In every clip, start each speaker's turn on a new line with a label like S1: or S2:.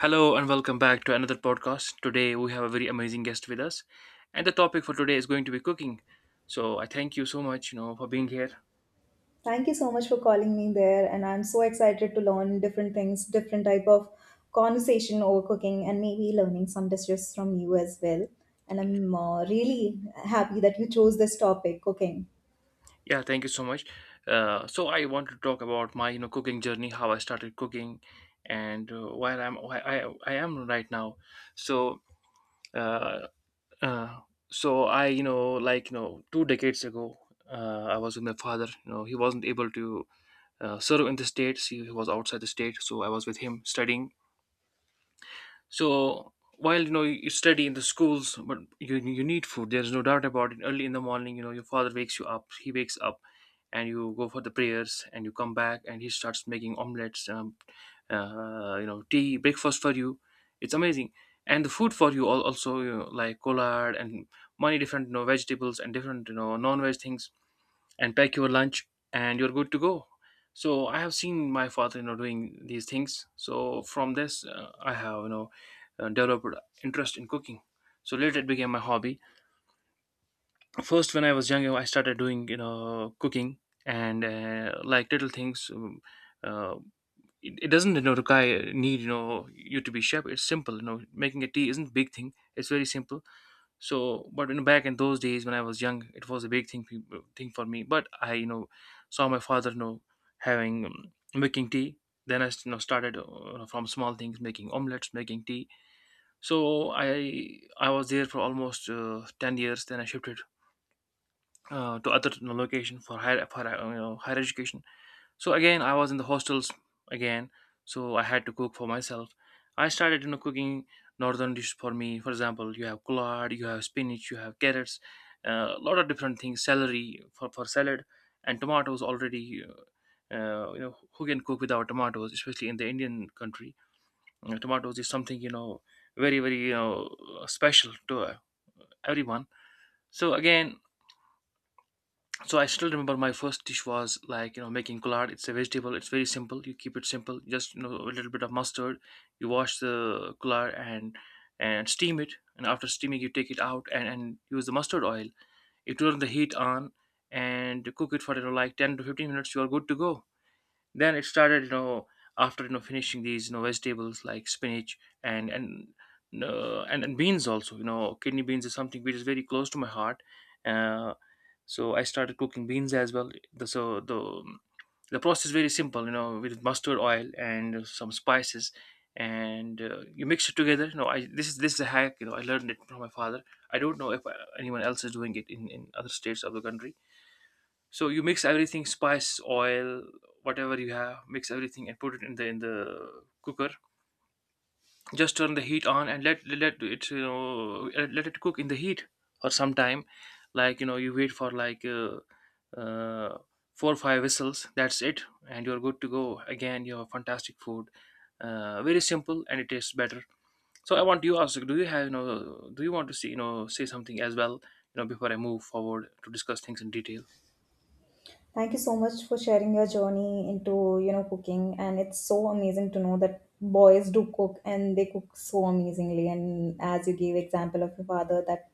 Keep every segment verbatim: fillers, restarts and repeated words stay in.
S1: Hello and welcome back to another podcast. Today we have a very amazing guest with us, and the topic for today is going to be cooking. So I thank you so much, you know, for being here.
S2: Thank you so much for calling me there, and I'm so excited to learn different things, different type of conversation over cooking, and maybe learning some dishes from you as well. And I'm uh, really happy that you chose this topic, cooking.
S1: Yeah, thank you so much. Uh, so I want to talk about my, you know, cooking journey, how I started cooking, and uh, where I'm, why I, I am right now. So, uh, uh, so I, you know, like you know, two decades ago, uh, I was with my father. You know, he wasn't able to uh, serve in the states. He, he was outside the state, so I was with him studying. So while, you know, you study in the schools, but you, you need food, there's no doubt about it. Early in the morning, you know, your father wakes you up, he wakes up and you go for the prayers and you come back, and he starts making omelets, um, uh, you know, tea, breakfast for you. It's amazing. And the food for you all also, you know, like collard and many different, you know, vegetables and different, you know, non-veg things, and pack your lunch and you're good to go. So I have seen my father, you know, doing these things. So from this, uh, I have, you know uh, developed interest in cooking. So later it became my hobby. First, when I was younger, I started doing, you know, cooking and uh, like little things. Um, uh, it, it doesn't, you know, require, need, you know, you to be chef. It's simple, you know. Making a tea isn't big thing, it's very simple. So, but you know, back in those days when I was young, it was a big thing, pe- thing for me. But I, you know, saw my father, you know, having, um, making tea. Then I, you know, started uh, from small things, making omelets, making tea. So I I was there for almost uh, ten years. Then I shifted uh, to other, you know, location for higher, for uh, you know, higher education. So again, I was in the hostels again, so I had to cook for myself. I started, you know, cooking northern dishes for me. For example, you have collard, you have spinach, you have carrots, uh, a lot of different things, celery for, for salad, and tomatoes already. Uh, uh, you know, who can cook without tomatoes, especially in the Indian country? Uh, tomatoes is something, you know, very very, you know, special to uh, everyone. So again, so I still remember my first dish was like, you know, making collard. It's a vegetable, it's very simple. You keep it simple, just, you know, a little bit of mustard. You wash the collard and and steam it, and after steaming you take it out and, and use the mustard oil. You turn the heat on and cook it for, you know, like ten to fifteen minutes, you are good to go. Then it started, you know, after, you know, finishing these, you know, vegetables like spinach and and uh, and, and beans also. You know, kidney beans is something which is very close to my heart. uh, so I started cooking beans as well. The, so the the process is very simple, you know, with mustard oil and some spices, and uh, you mix it together. You know, I this is this is a hack, you know, I learned it from my father. I don't know if uh, anyone else is doing it in in other states of the country. So you mix everything, spice, oil, whatever you have, mix everything and put it in the, in the cooker. Just turn the heat on and let let it, you know, let it cook in the heat for some time. Like, you know, you wait for like uh, uh, four or five whistles, that's it, and you're good to go. Again, you have fantastic food. Uh, very simple and it tastes better. So I want you also, do you have, you know, do you want to see, you know, say something as well, you know, before I move forward to discuss things in detail?
S2: Thank you so much for sharing your journey into, you know, cooking. And it's so amazing to know that boys do cook and they cook so amazingly. And as you gave example of your father, that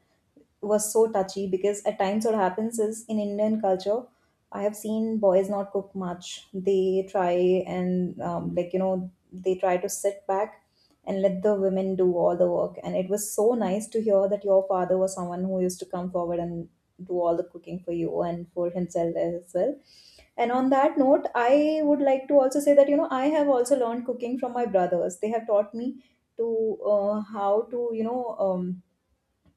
S2: was so touchy because at times what happens is in Indian culture, I have seen boys not cook much. They try and um, like you know they try to sit back and let the women do all the work. And it was so nice to hear that your father was someone who used to come forward and do all the cooking for you and for himself as well. And on that note, I would like to also say that, you know, I have also learned cooking from my brothers. They have taught me to uh, how to, you know, um,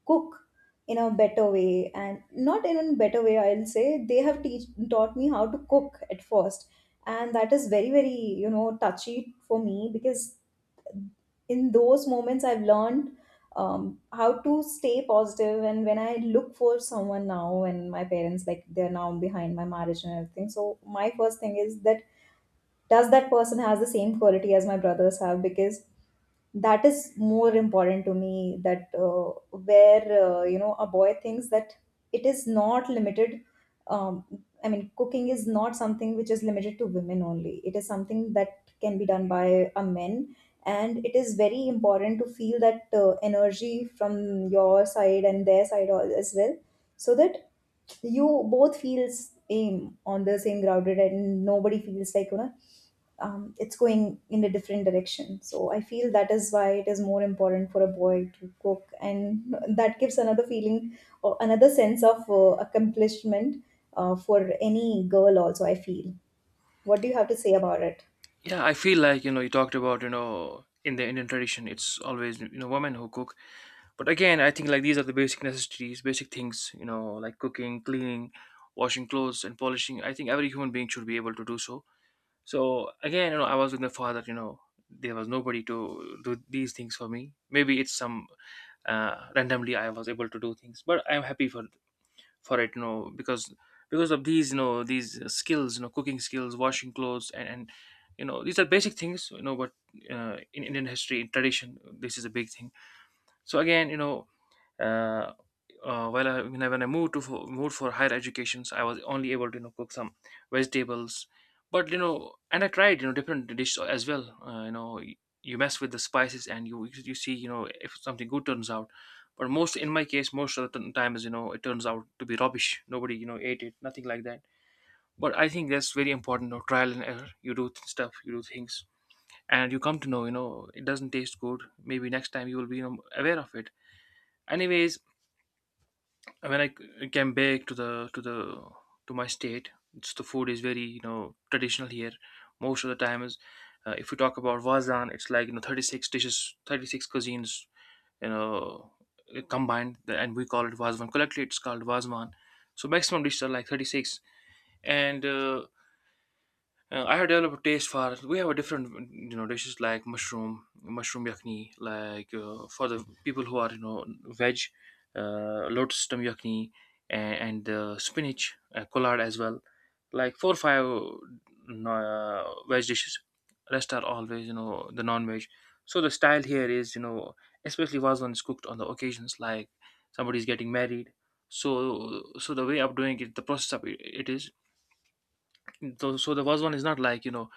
S2: cook in a better way and not in a better way, I'll say. They have teach, taught me how to cook at first. And that is very, very, you know, touchy for me because in those moments I've learned um, how to stay positive positive. And when I look for someone now and my parents, like, they're now behind my marriage and everything, so my first thing is that does that person has the same quality as my brothers have, because that is more important to me that uh, where uh, you know, a boy thinks that it is not limited, um, I mean, cooking is not something which is limited to women only. It is something that can be done by a men, and it is very important to feel that uh, energy from your side and their side al- as well, so that you both feels aim on the same grounded and nobody feels like, you know, um, it's going in a different direction. So I feel that is why it is more important for a boy to cook, and that gives another feeling or another sense of uh, accomplishment uh, for any girl also, I feel. What do you have to say about it?
S1: Yeah, I feel like, you know, you talked about, you know, in the Indian tradition it's always, you know, women who cook. But again, I think like these are the basic necessities, basic things, you know, like cooking, cleaning, washing clothes and polishing. I think every human being should be able to do so. So again, you know, I was with my father, you know, there was nobody to do these things for me. Maybe it's some, uh, randomly I was able to do things, but I'm happy for for it, you know, because because of these, you know, these skills, you know, cooking skills, washing clothes and and you know, these are basic things, you know. But uh, in Indian history, in tradition, this is a big thing. So again, you know, uh, uh, while I, when I, when I moved to for, moved for higher educations, I was only able to, you know, cook some vegetables, but you know, and I tried, you know, different dishes as well. Uh, you know, y- you mess with the spices and you you see, you know, if something good turns out. But most in my case, most of the t- times, you know, it turns out to be rubbish. Nobody, you know, ate it, nothing like that. But I think that's very important, you know, trial and error. You do th- stuff, you do things, and you come to know, you know, it doesn't taste good. Maybe next time you will be, you know, aware of it. Anyways, when I c- came back to the to the to my state, it's, the food is very, you know, traditional here. Most of the time is, uh, if we talk about Vazan, it's like, you know, thirty-six dishes, thirty-six cuisines, you know, uh, combined, and we call it Vazvan. Collectively, it's called Vazman. So maximum dishes are like thirty-six, and uh, uh, I have developed a taste for. We have a different, you know, dishes like mushroom, mushroom yakni, like uh, for the people who are, you know, veg, uh, lotus stem yakni, and, and uh, spinach, uh, collard as well. Like four or five mm, uh, veg dishes. Rest are always, you know, the non-veg. So the style here is, you know, especially was when it's cooked on the occasions like somebody's getting married. So, so the way of doing it, the process of it, it is, so, so the first one is not like, you know,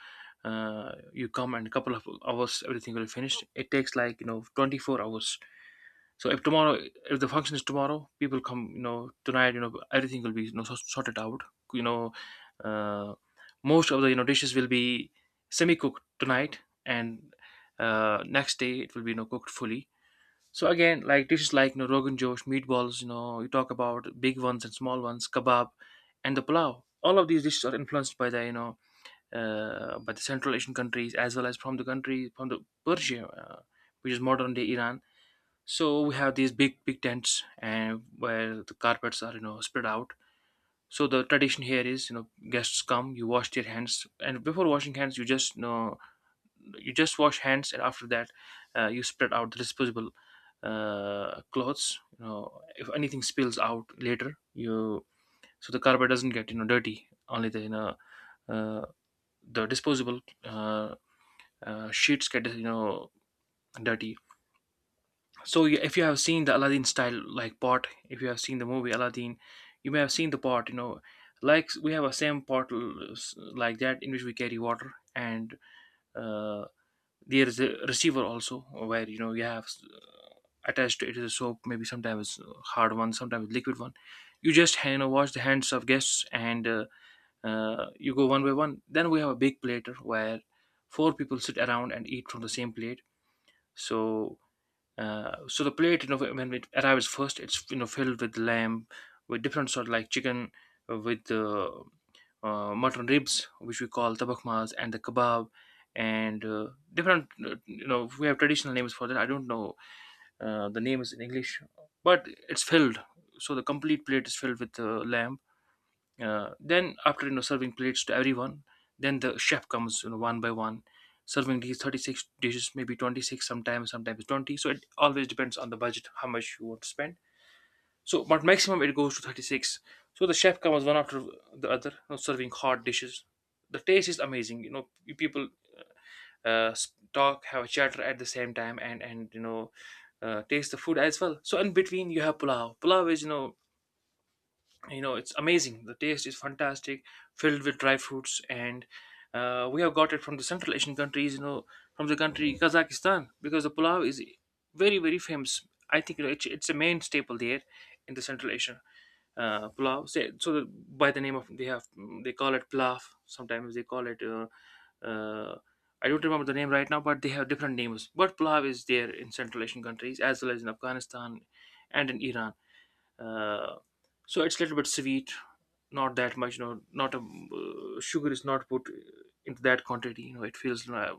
S1: uh, you come and a couple of hours everything will be finished. It takes like, you know, twenty-four hours. So if tomorrow, if the function is tomorrow, people come, you know, tonight, you know, everything will be, you know, so- sorted out, you know. uh, Most of the, you know, dishes will be semi cooked tonight, and uh, next day it will be, you know, cooked fully. So again, like dishes like, you know, rogan josh, meatballs, you know, you talk about big ones and small ones, kebab, and the plow, all of these dishes are influenced by the, you know, uh, by the Central Asian countries as well as from the country, from the Persia, uh, which is modern day Iran. So we have these big big tents and where the carpets are, you know, spread out. So the tradition here is, you know, guests come, you wash their hands, and before washing hands, you just, you know, you just wash hands, and after that, uh, you spread out the disposable uh, clothes. You know, if anything spills out later, you, so the carpet doesn't get, you know, dirty. Only the, you know, uh, the disposable uh, uh, sheets get, you know, dirty. So y- if you have seen the Aladdin style like pot, if you have seen the movie Aladdin, you may have seen the pot, you know, like we have a same pot l- s- like that, in which we carry water, and uh, there is a receiver also where, you know, you have, s- attached to it is a soap, maybe sometimes it's hard one, sometimes liquid one. You just, you know, wash the hands of guests, and uh, uh, you go one by one. Then we have a big platter where four people sit around and eat from the same plate. So Uh, so the plate, you know, when it arrives first, it's, you know, filled with lamb, with different sort like chicken, uh, with uh, uh, mutton ribs, which we call tabakmas, and the kebab, and uh, different. uh, You know, we have traditional names for that. I don't know uh, the names in English, but it's filled. So the complete plate is filled with uh, lamb, uh, then after you know serving plates to everyone. Then the chef comes, you know one by one, serving these thirty-six dishes, maybe twenty-six, sometimes sometimes twenty. So it always depends on the budget, how much you want to spend. So but maximum it goes to thirty-six. So the chef comes one after the other, you know, serving hot dishes. The taste is amazing. You know, you people uh, uh, s- talk, have a chatter at the same time, and and you know uh, taste the food as well. So in between you have pulao. Pulao is, you know you know it's amazing, the taste is fantastic, filled with dry fruits. And uh, we have got it from the Central Asian countries, you know, from the country Kazakhstan, because the pulao is very very famous, I think. You know, it's, it's a main staple there in the Central Asian, uh, pulao. So, so the, by the name of they have, they call it pilaf, sometimes they call it, uh, uh, I don't remember the name right now, but they have different names. But pulao is there in Central Asian countries as well as in Afghanistan and in Iran. uh, so it's a little bit sweet, not that much, you know, not a uh, sugar is not put into that quantity. You know, it feels uh,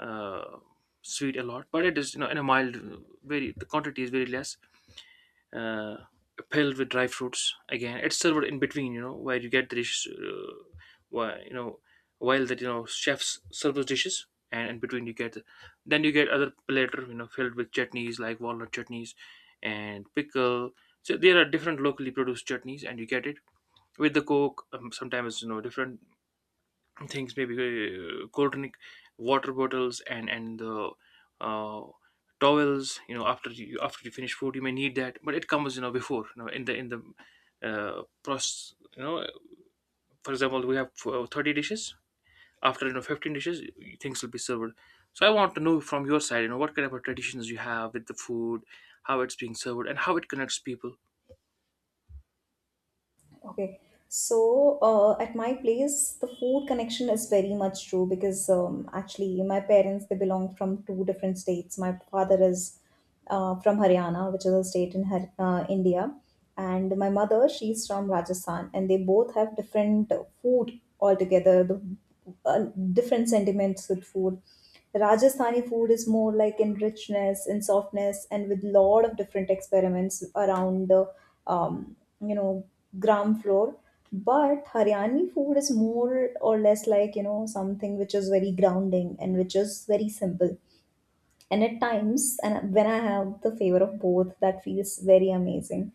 S1: uh, sweet a lot, but it is, you know, in a mild, uh, very, the quantity is very less. uh, Filled with dry fruits. Again, it's served in between, you know, where you get the dishes, uh, why, you know, while that, you know, chefs serve those dishes, and in between you get, then you get other platter, you know, filled with chutneys like walnut chutneys and pickle. So there are different locally produced chutneys, and you get it with the coke. Um, sometimes, you know, different things, maybe uh, cold drink, water bottles, and and the uh, towels. You know, after you after you finish food you may need that, but it comes, you know, before, you know, in the in the uh, process. You know, for example, we have uh, thirty dishes. After, you know, fifteen dishes things will be served. So I want to know from your side, you know, what kind of traditions you have with the food, how it's being served, and how it connects people.
S2: Okay. So, uh, at my place, the food connection is very much true because um, actually, my parents, they belong from two different states. My father is uh, from Haryana, which is a state in Har- uh, India, and my mother, she's from Rajasthan, and they both have different uh, food altogether. The uh, different sentiments with food. Rajasthani food is more like in richness, in softness, and with lot of different experiments around the um, you know, gram floor. But Haryani food is more or less like, you know, something which is very grounding and which is very simple. And at times, and when I have the favor of both, that feels very amazing.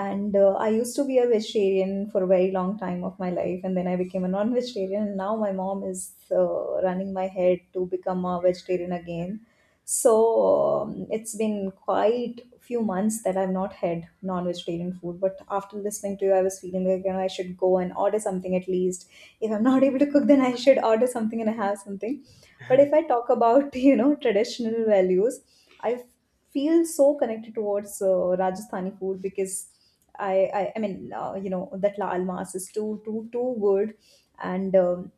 S2: And uh, I used to be a vegetarian for a very long time of my life, and then I became a non-vegetarian, and now my mom is uh, running my head to become a vegetarian again. So um, it's been quite few months that I've not had non-vegetarian food, but after listening to you, I was feeling like, you know, I should go and order something at least. If I'm not able to cook, then I should order something and have something. But if I talk about, you know, traditional values, I f- feel so connected towards uh, Rajasthani food because I, I, I mean, uh, you know, that lal mas is too, too, too good. And um,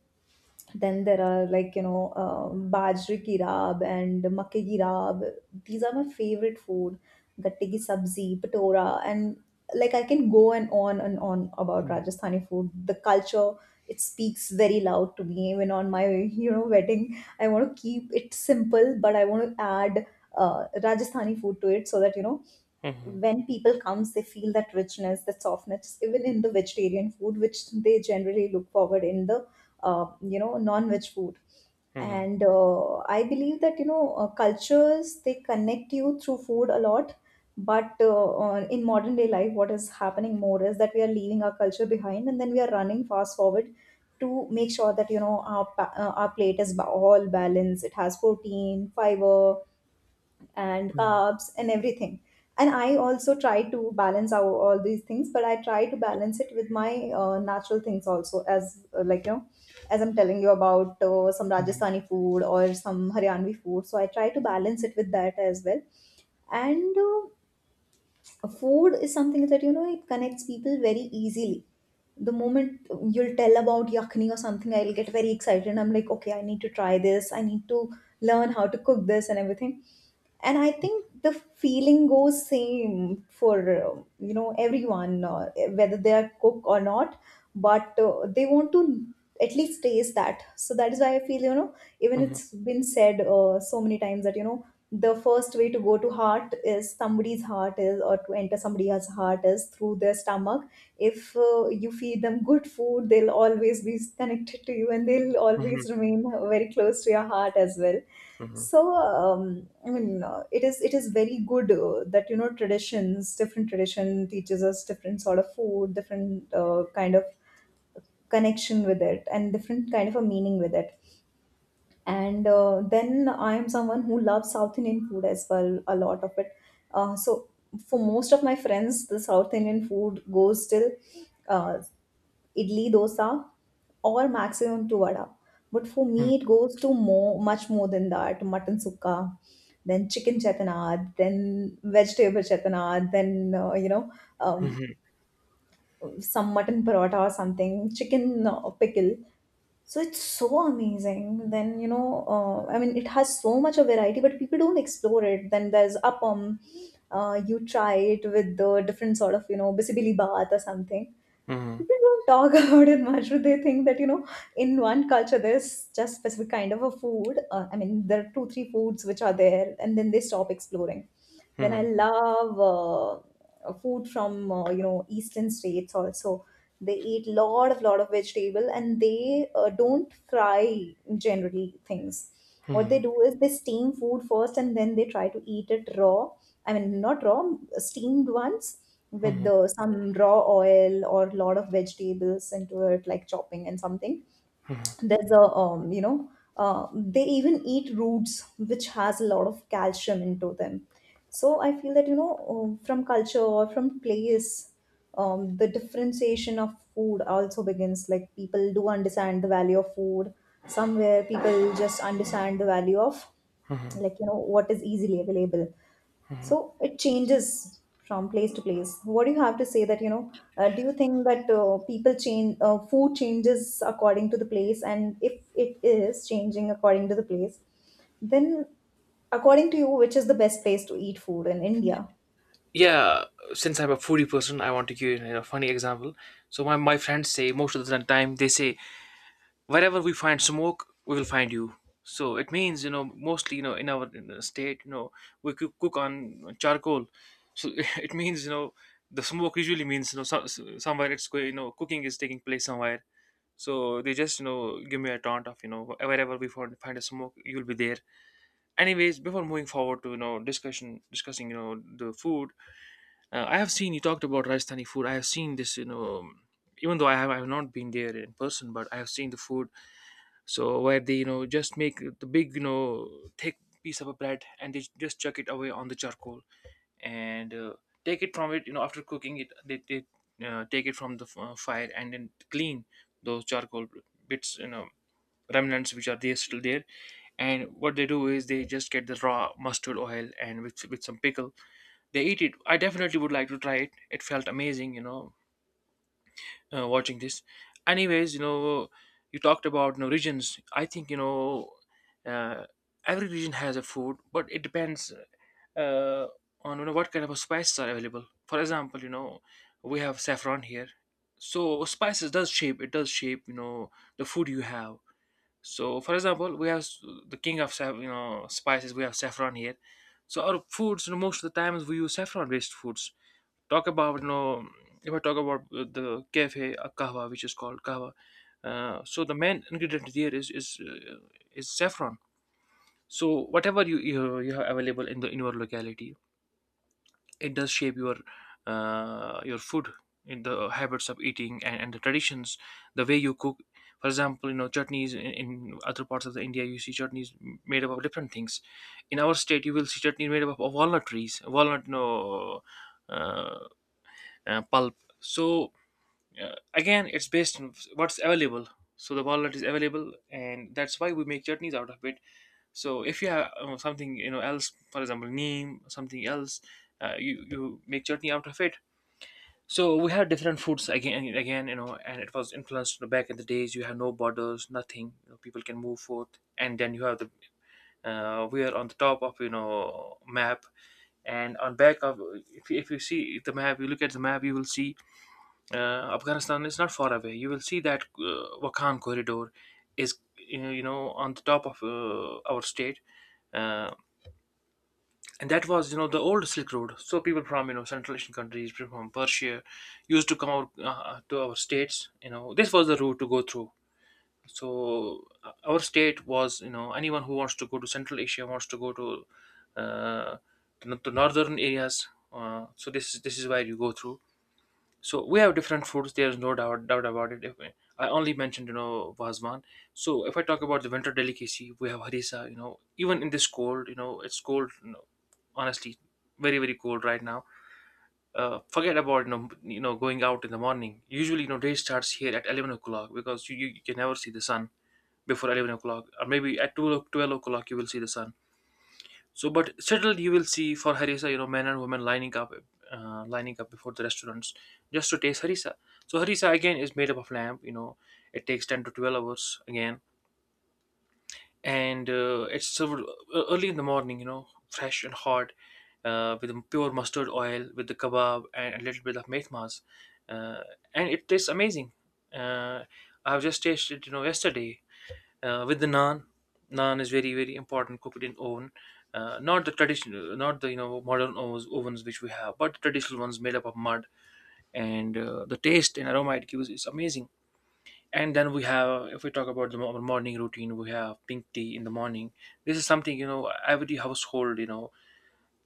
S2: then there are, like, you know, um, bajri ki raab and makke ki raab. These are my favorite food. Gatte ki sabzi, patora. And like, I can go and on and on about Rajasthani food. The culture, it speaks very loud to me. Even on my, you know, wedding, I want to keep it simple, but I want to add uh, Rajasthani food to it, so that, you know,
S1: Mhm,
S2: when people comes, they feel that richness, that softness, even in the vegetarian food which they generally look forward in the uh, you know, non-veg food.
S1: mhm,
S2: And uh, I believe that, you know, uh, cultures, they connect you through food a lot. But uh, on- in modern day life, what is happening more is that we are leaving our culture behind and then we are running fast forward to make sure that, you know, our pa- uh, our plate is ba- all balanced, it has protein, fiber, and
S1: mhm,
S2: carbs and everything. And I also try to balance out all these things, but I try to balance it with my uh, natural things also, as uh, like, you know, as I'm telling you about uh, some Rajasthani food or some Haryanvi food. So I try to balance it with that as well. And uh, food is something that, you know, it connects people very easily. The moment you'll tell about yakni or something, I'll get very excited. I'm like, okay, I need to try this. I need to learn how to cook this and everything. And I think the feeling goes same for uh, you know, everyone, uh, whether they are cook or not. But uh, they want to at least taste that. So that is why I feel, you know, even
S1: mhm,
S2: it's been said uh, so many times that, you know, the first way to go to heart is somebody's heart is or to enter somebody's heart is through their stomach. If uh, you feed them good food, they'll always be connected to you and they'll
S1: mhm,
S2: always remain very close to your heart as well.
S1: mhm, mhm,
S2: So um, I mean, uh, it is it is very good uh, that, you know, traditions, different tradition teaches us different sort of food, different uh, kind of connection with it, and different kind of a meaning with it. And uh, then I am someone who loves South Indian food as well, a lot of it. Uh, so for most of my friends, the South Indian food goes till uh, idli, dosa, or maximum to vada. But for me,
S1: mhm,
S2: it goes to more, much more than that. Mutton sukka, then chicken chetanad, then vegetable chetanad, then uh, you know, um,
S1: mhm,
S2: some mutton paratha or something, chicken uh, pickle. So it's so amazing. Then, you know, uh, I mean, it has so much of variety, but people don't explore it. Then there's appam. Uh, you try it with the different sort of, you know, bisibili bath or something.
S1: mhm.
S2: People don't talk about it much, but they think that, you know, in one culture, there's just specific kind of a food. Uh, I mean, there are two, three foods which are there, and then they stop exploring. Then I
S1: Mhm.
S2: love uh, food from uh, you know, eastern states also. They eat lot of lot of vegetable and they uh, don't fry generally things. What they do is they steam food first and then they try to eat it raw. I mean, not raw, steamed ones with the, some raw oil or lot of vegetables into it, like chopping and something. There's a um, you know, uh, they even eat roots which has a lot of calcium into them. So I feel that, you know, um, from culture or from place, um, the differentiation of food also begins. Like, people do understand the value of food. Somewhere, people just understand the value of, like, you know, what is easily available. So it changes from place to place. What do you have to say that, you know, uh, do you think that uh, people change, uh, food changes according to the place? And if it is changing according to the place, then, according to you, which is the best place to eat food in India?
S1: Yeah, since I'm a foodie person, I want to give you a funny example. So my, my friends say, most of the time they say, wherever we find smoke we will find you. So it means, you know, mostly, you know, in our, in the state, you know, we cook, cook on charcoal. So it means, you know, the smoke usually means, you know, so, so- somewhere it's going, you know, cooking is taking place somewhere. So they just, you know, give me a taunt of, you know, wherever we find, find a smoke, you'll be there. Anyways, before moving forward to, you know, discussion discussing, you know, the food. uh, I have seen you talked about Rajasthani food. I have seen this, you know. Um, even though I have I have not been there in person, but I have seen the food. So where they, you know, just make the big, you know, thick piece of a bread, and they just chuck it away on the charcoal, and uh, take it from it. You know, after cooking it, they, they uh, take it from the f- uh, fire and then clean those charcoal bits. You know, remnants which are there still there. And what they do is they just get the raw mustard oil, and with with some pickle they eat it. I definitely would like to try it. It felt amazing, you know, uh, watching this. Anyways, you know, you talked about, you know, regions. I think, you know, uh, every region has a food, but it depends, uh, on, you know, what kind of spices are available. For example, you know, we have saffron here. So spices does shape, it does shape you know, the food you have. So for example, we have s- the king of saff- you know, spices, we have saffron here. So our foods, you know, most of the times we use saffron based foods. Talk about, you know, if I talk about uh, the cafe, uh, kahwa, which is called kahwa. Uh, so the main ingredient there is is uh, is saffron. So whatever you, you you have available in the, in your locality, it does shape your, uh, your food, in the habits of eating and, and the traditions, the way you cook. For example, you know, chutneys in, in other parts of the India, you see chutneys m- made up of different things. In our state you will see chutney made up of walnut trees, walnut, no, uh, uh, pulp. So uh, again it's based on what's available. So the walnut is available, and that's why we make chutneys out of it. So if you have uh, something, you know, else, for example neem, something else, uh, you you make chutney out of it. So we have different foods again and again, you know, and it was influenced, you know, back in the days you have no borders, nothing, you know, people can move forth. And then you have the, uh, we are on the top of, you know, map, and on back of, if, you- if you see the map, you look at the map, you will see uh, Afghanistan is not far away. You will see that uh, Wakhan corridor is, you know you know, on the top of uh, our state, uh, and that was, you know, the old Silk Road. So people from, you know, Central Asian countries, people from Persia, used to come out uh, to our states. You know, this was the route to go through. So uh, our state was, you know, anyone who wants to go to Central Asia, wants to go to uh, to, to northern areas. Uh, so this is this is where you go through. So we have different foods. There's no doubt doubt about it. If I only mentioned, you know, Vazman. So if I talk about the winter delicacy, we have harissa. You know, even in this cold, you know, it's cold. You know, honestly, very very cold right now. Uh, forget about, you know you know going out in the morning. Usually, you know, day starts here at eleven o'clock, because you, you, you can never see the sun before eleven o'clock, or maybe at twelve, o- twelve o'clock you will see the sun. So, but still, you will see, for harissa, you know, men and women lining up, uh, lining up before the restaurants, just to taste harissa. So harissa again is made up of lamb. You know, it takes ten to twelve hours again, and uh, it's served e- early in the morning. You know, fresh and hot, uh, with pure mustard oil, with the kebab and a little bit of mehmas, uh, and it tastes amazing. Uh, I've just tasted, you know, yesterday, uh, with the naan. Naan is very very important, cooked in oven, uh, not the traditional, not the, you know, modern ovens, ovens which we have, but the traditional ones made up of mud. And uh, the taste and aroma it gives is amazing. And then we have, if we talk about the mo- morning routine, we have pink tea in the morning. This is something, you know, every household, you know,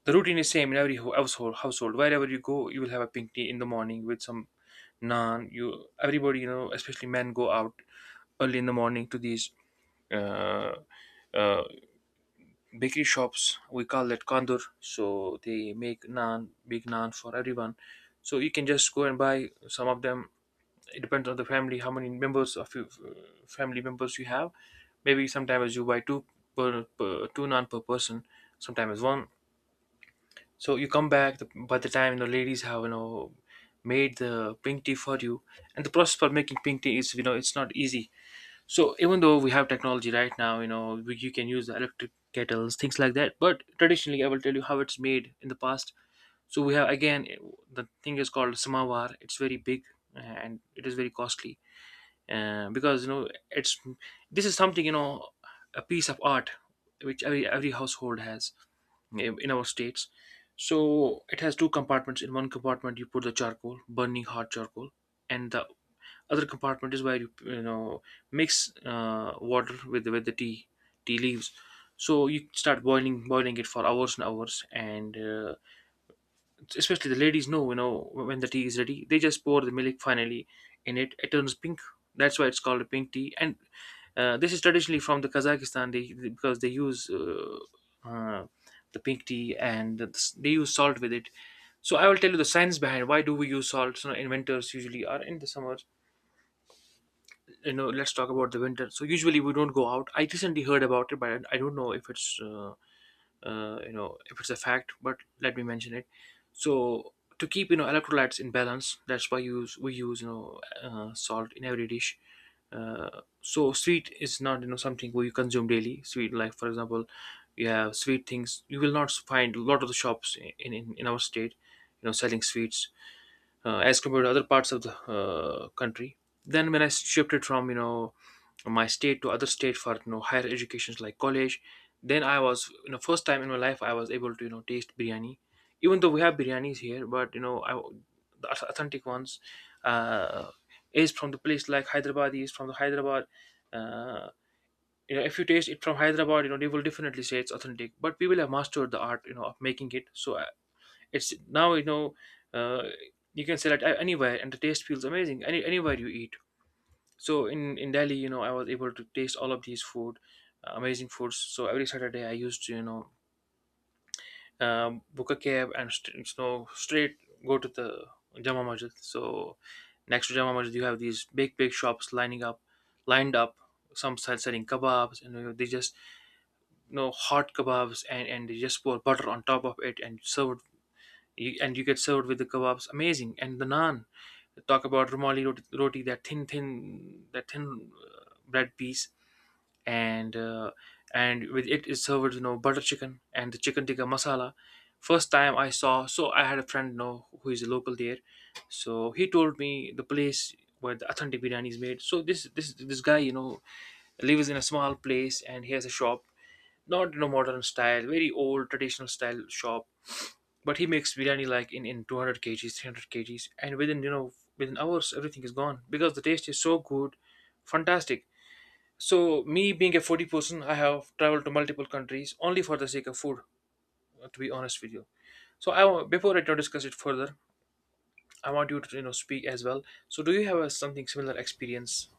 S1: the routine is same in every ho- household household wherever you go, you will have a pink tea in the morning with some naan. You Everybody, you know, especially men, go out early in the morning to these uh, uh, bakery shops, we call that kandur. So they make naan, big naan for everyone, so you can just go and buy some of them. It depends on the family, how many members of your, uh, family members you have. Maybe sometimes you buy two, per, per two naan per person, sometimes one. So you come back, the, by the time, you know, ladies have, you know, made the pink tea for you. And the process for making pink tea is, you know, it's not easy. So even though we have technology right now, you know we, you can use the electric kettles, things like that. But traditionally, I will tell you how it's made in the past. So we have again, the thing is called samawar. It's very big, uh, and it is very costly, uh, because, you know it's this is something, you know, a piece of art which every every household has in our states. So it has two compartments. In one compartment, you put the charcoal, burning hot charcoal. And the other compartment is where you you know, mix uh, water with with the tea tea leaves. So you start boiling boiling it for hours and hours, and uh, especially the ladies know, you know, when the tea is ready, they just pour the milk finally in it. It turns pink. That's why it's called a pink tea. And uh, this is traditionally from the Kazakhstan. They, they- because they use uh, uh, the pink tea and the, they use salt with it. So I will tell you the science behind why do we use salt, you know, in winters usually or in the summers. You know, let's talk about the winter. So usually we don't go out. I recently heard about it, but I don't know if it's uh, uh, you know if it's a fact, but let me mention it. So to keep, you know, electrolytes in balance, that's why use we use, you know, uh, salt in every dish. Uh, so sweet is not, you know, something where you consume daily sweet. Like, for example, you have sweet things. You will not find a lot of the shops in in, in our state, you know, selling sweets, uh, as compared to other parts of the uh, country. Then when I shifted from, you know, my state to other state for, you know, higher educations like college, then I was, you know, first time in my life I was able to, you know, taste biryani. Even though we have biryanis here, but you know, I, the au- authentic ones uh, is from the place like Hyderabad. Is from the Hyderabad. Uh, you know, if you taste it from Hyderabad, you know, they will definitely say it's authentic. But we will have mastered the art, you know, of making it. So it's now, you know, uh, you can sell it a- anywhere, and the taste feels amazing. Any anywhere you eat. So in in Delhi, you know, I was able to taste all of these food, uh, amazing foods. So every Saturday, I used to, you know, um, book a cab and st- you know, straight go to the Jama Masjid. So next to Jama Masjid, you have these big big shops lining up, lined up. Some sell- selling kebabs, and you know, they just, you know, hot kebabs, and and they just pour butter on top of it and serve you, and you get served with the kebabs, amazing, and the naan. Talk about rumali roti, roti, that thin thin, that thin uh, bread piece. And uh, and with it is served, you know, butter chicken and the chicken tikka masala. First time I saw. So I had a friend, you know, who is a local there. So he told me the place where the authentic biryani is made. So this this this guy, you know, lives in a small place and he has a shop, not, you know, modern style, very old traditional style shop, but he makes biryani like in, in two hundred k gs kgs, three hundred k gs kgs, and within, you know, within hours everything is gone because the taste is so good, fantastic. So me being a foodie person, I have traveled to multiple countries only for the sake of food. uh, To be honest with you, so I wa- before I now discuss it further, I want you to, you know, speak as well. So do you have a, something similar experience?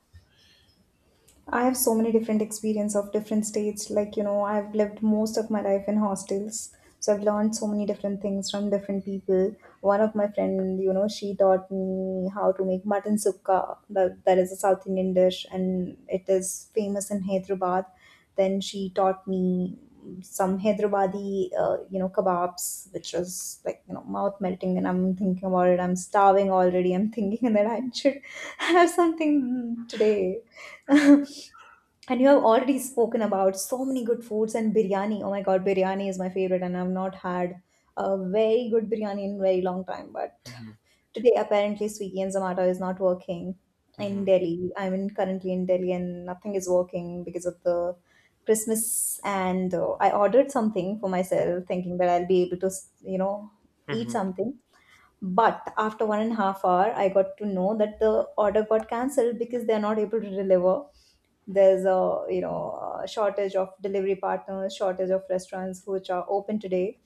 S2: I have so many different experience of different states. Like, you know, I've lived most of my life in hostels. So I've learned so many different things from different people. One of my friend, you know, she taught me how to make mutton sukka. That, that is a South Indian dish and it is famous in Hyderabad. Then she taught me some Hyderabadi, uh, you know, kebabs, which was like, you know, mouth melting. And I'm thinking about it. I'm starving already. I'm thinking that I should have something today. And you have already spoken about so many good foods and biryani. Oh my god, biryani is my favorite, and I've not had a very good biryani in a very long time. But today, apparently, Swiggy and Zomato is not working in
S1: Mhm.
S2: Delhi. I'm in, currently in Delhi, and nothing is working because of the Christmas. And uh, I ordered something for myself, thinking that I'll be able to, you know, eat
S1: Mhm.
S2: something. But after one and a half hour, I got to know that the order got cancelled because they're not able to deliver. There's a you know a shortage of delivery partners, shortage of restaurants which are open today,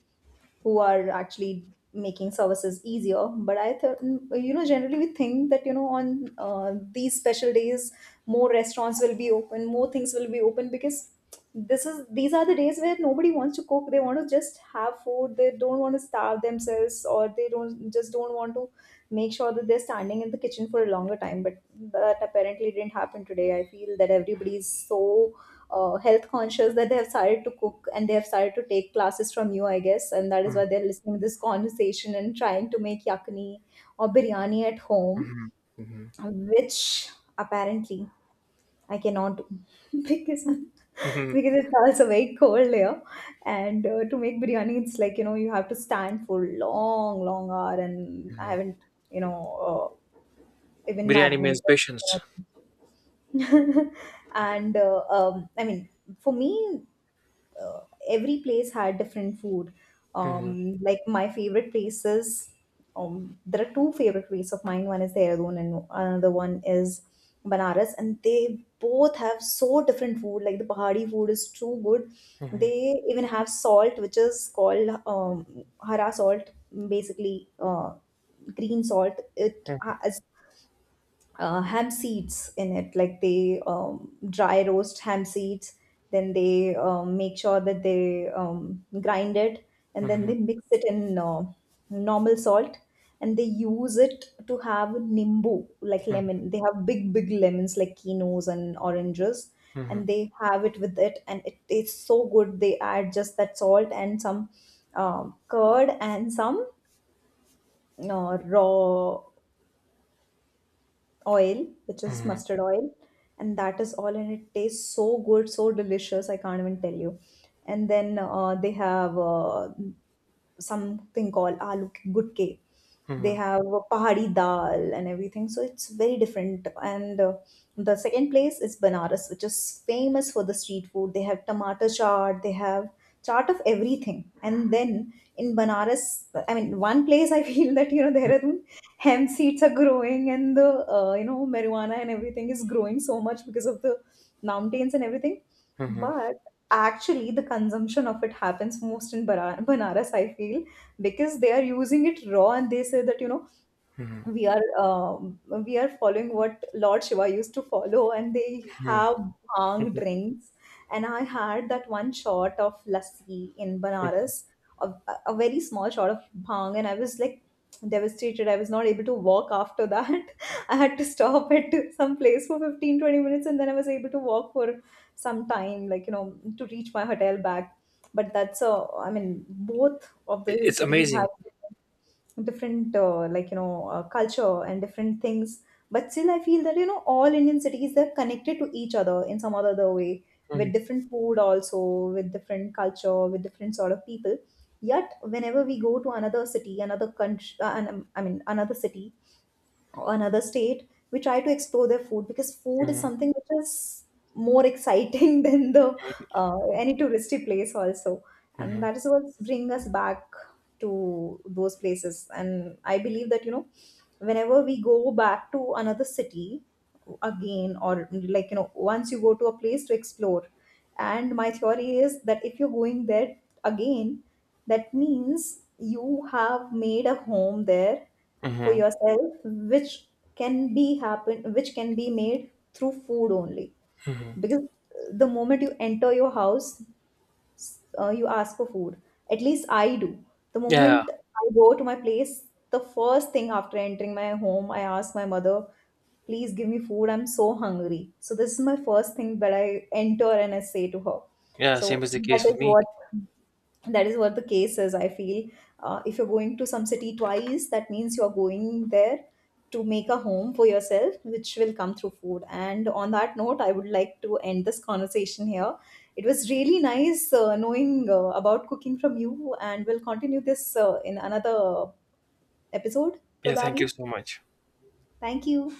S2: who are actually making services easier. But I th- you know generally we think that you know on uh, these special days, more restaurants will be open, more things will be open, because this is these are the days where nobody wants to cook. They want to just have food, they don't want to starve themselves, or they don't just don't want to make sure that they're standing in the kitchen for a longer time. But that apparently didn't happen today. I feel that everybody is so uh, health conscious that they have started to cook, and they have started to take classes from you, I guess, and that is
S1: Mhm.
S2: why they're listening to this conversation and trying to make yakni or biryani at home, which apparently I cannot do because I'm, because it's also very cold here. And uh, to make biryani, it's like you know you have to stand for long, long hour, and I haven't you know uh, even
S1: Biryani means
S2: marinated.
S1: patience.
S2: and uh, um, I mean, for me, uh, every place had different food.
S1: Mhm.
S2: Um, like my favorite places, um, there are two favorite places of mine. One is Dehradun and another one is Banaras, and they both have so different food. Like the Pahadi food is too good. They even have salt, which is called um, hara salt, basically uh, green salt. It has uh, ham seeds in it. Like they um, dry roast ham seeds, then they um, make sure that they um, grind it, and then they mix it in uh, normal salt, and they use it to have nimbu, like lemon. They have big, big lemons like kinos and oranges. And they have it with it, and it tastes so good. They add just that salt and some um curd and some uh, raw oil, which is
S1: Mhm.
S2: mustard oil, and that is all, and it tastes so good, so delicious. I can't even tell you. And then uh, they have uh, something called aloo ki- gutke. They
S1: Mhm.
S2: have a pahari dal and everything, so it's very different. And uh, the second place is Banaras, which is famous for the street food. They have tomato chaat, they have chaat of everything. And then in Banaras, I mean, one place I feel that you know Dehradun hemp seeds are growing, and the uh, you know marijuana and everything is growing so much because of the mountains and everything.
S1: Mhm.
S2: But actually the consumption of it happens most in Bara- Banaras, I feel, because they are using it raw, and they say that, you know, we are um, we are following what Lord Shiva used to follow, and they have bhang drinks. And I had that one shot of lassi in Banaras, a, a very small shot of bhang, and I was like devastated. I was not able to walk after that. I had to stop at some place for fifteen twenty minutes, and then I was able to walk for some time, like you know, to reach my hotel back. But that's a, I mean, both of the
S1: It's
S2: cities
S1: amazing.
S2: have different uh, like you know uh, culture and different things. But still, I feel that you know all Indian cities, they're connected to each other in some other other way,
S1: Mhm.
S2: with different food also, with different culture, with different sort of people. Yet whenever we go to another city, another country, uh, an- I mean another city or another state, we try to explore their food because food is
S1: Mhm.
S2: something which is more exciting than the uh, any touristy place also, and that is what bring us back to those places. And I believe that you know, whenever we go back to another city again, or like you know, once you go to a place to explore, and my theory is that if you're going there again, that means you have made a home there for
S1: Mhm.
S2: yourself, which can be happen, which can be made through food only. Because the moment you enter your house, uh, you ask for food. At least I do. The
S1: Yeah.
S2: moment I go to my place, the first thing after entering my home, I ask my mother, please give me food. I'm so hungry. So this is my first thing that I enter and I say to her.
S1: Yeah,
S2: So
S1: same is the
S2: that
S1: case with
S2: is
S1: me.
S2: what that is what the case is, I feel. Uh, if you're going to some city twice, that means you're going there to make a home for yourself, which will come through food. And on that note, I would like to end this conversation here. It was really nice uh, knowing uh, about cooking from you, and we'll continue this uh, in another episode
S1: Yeah, thank you
S2: probably.
S1: so much.
S2: Thank you.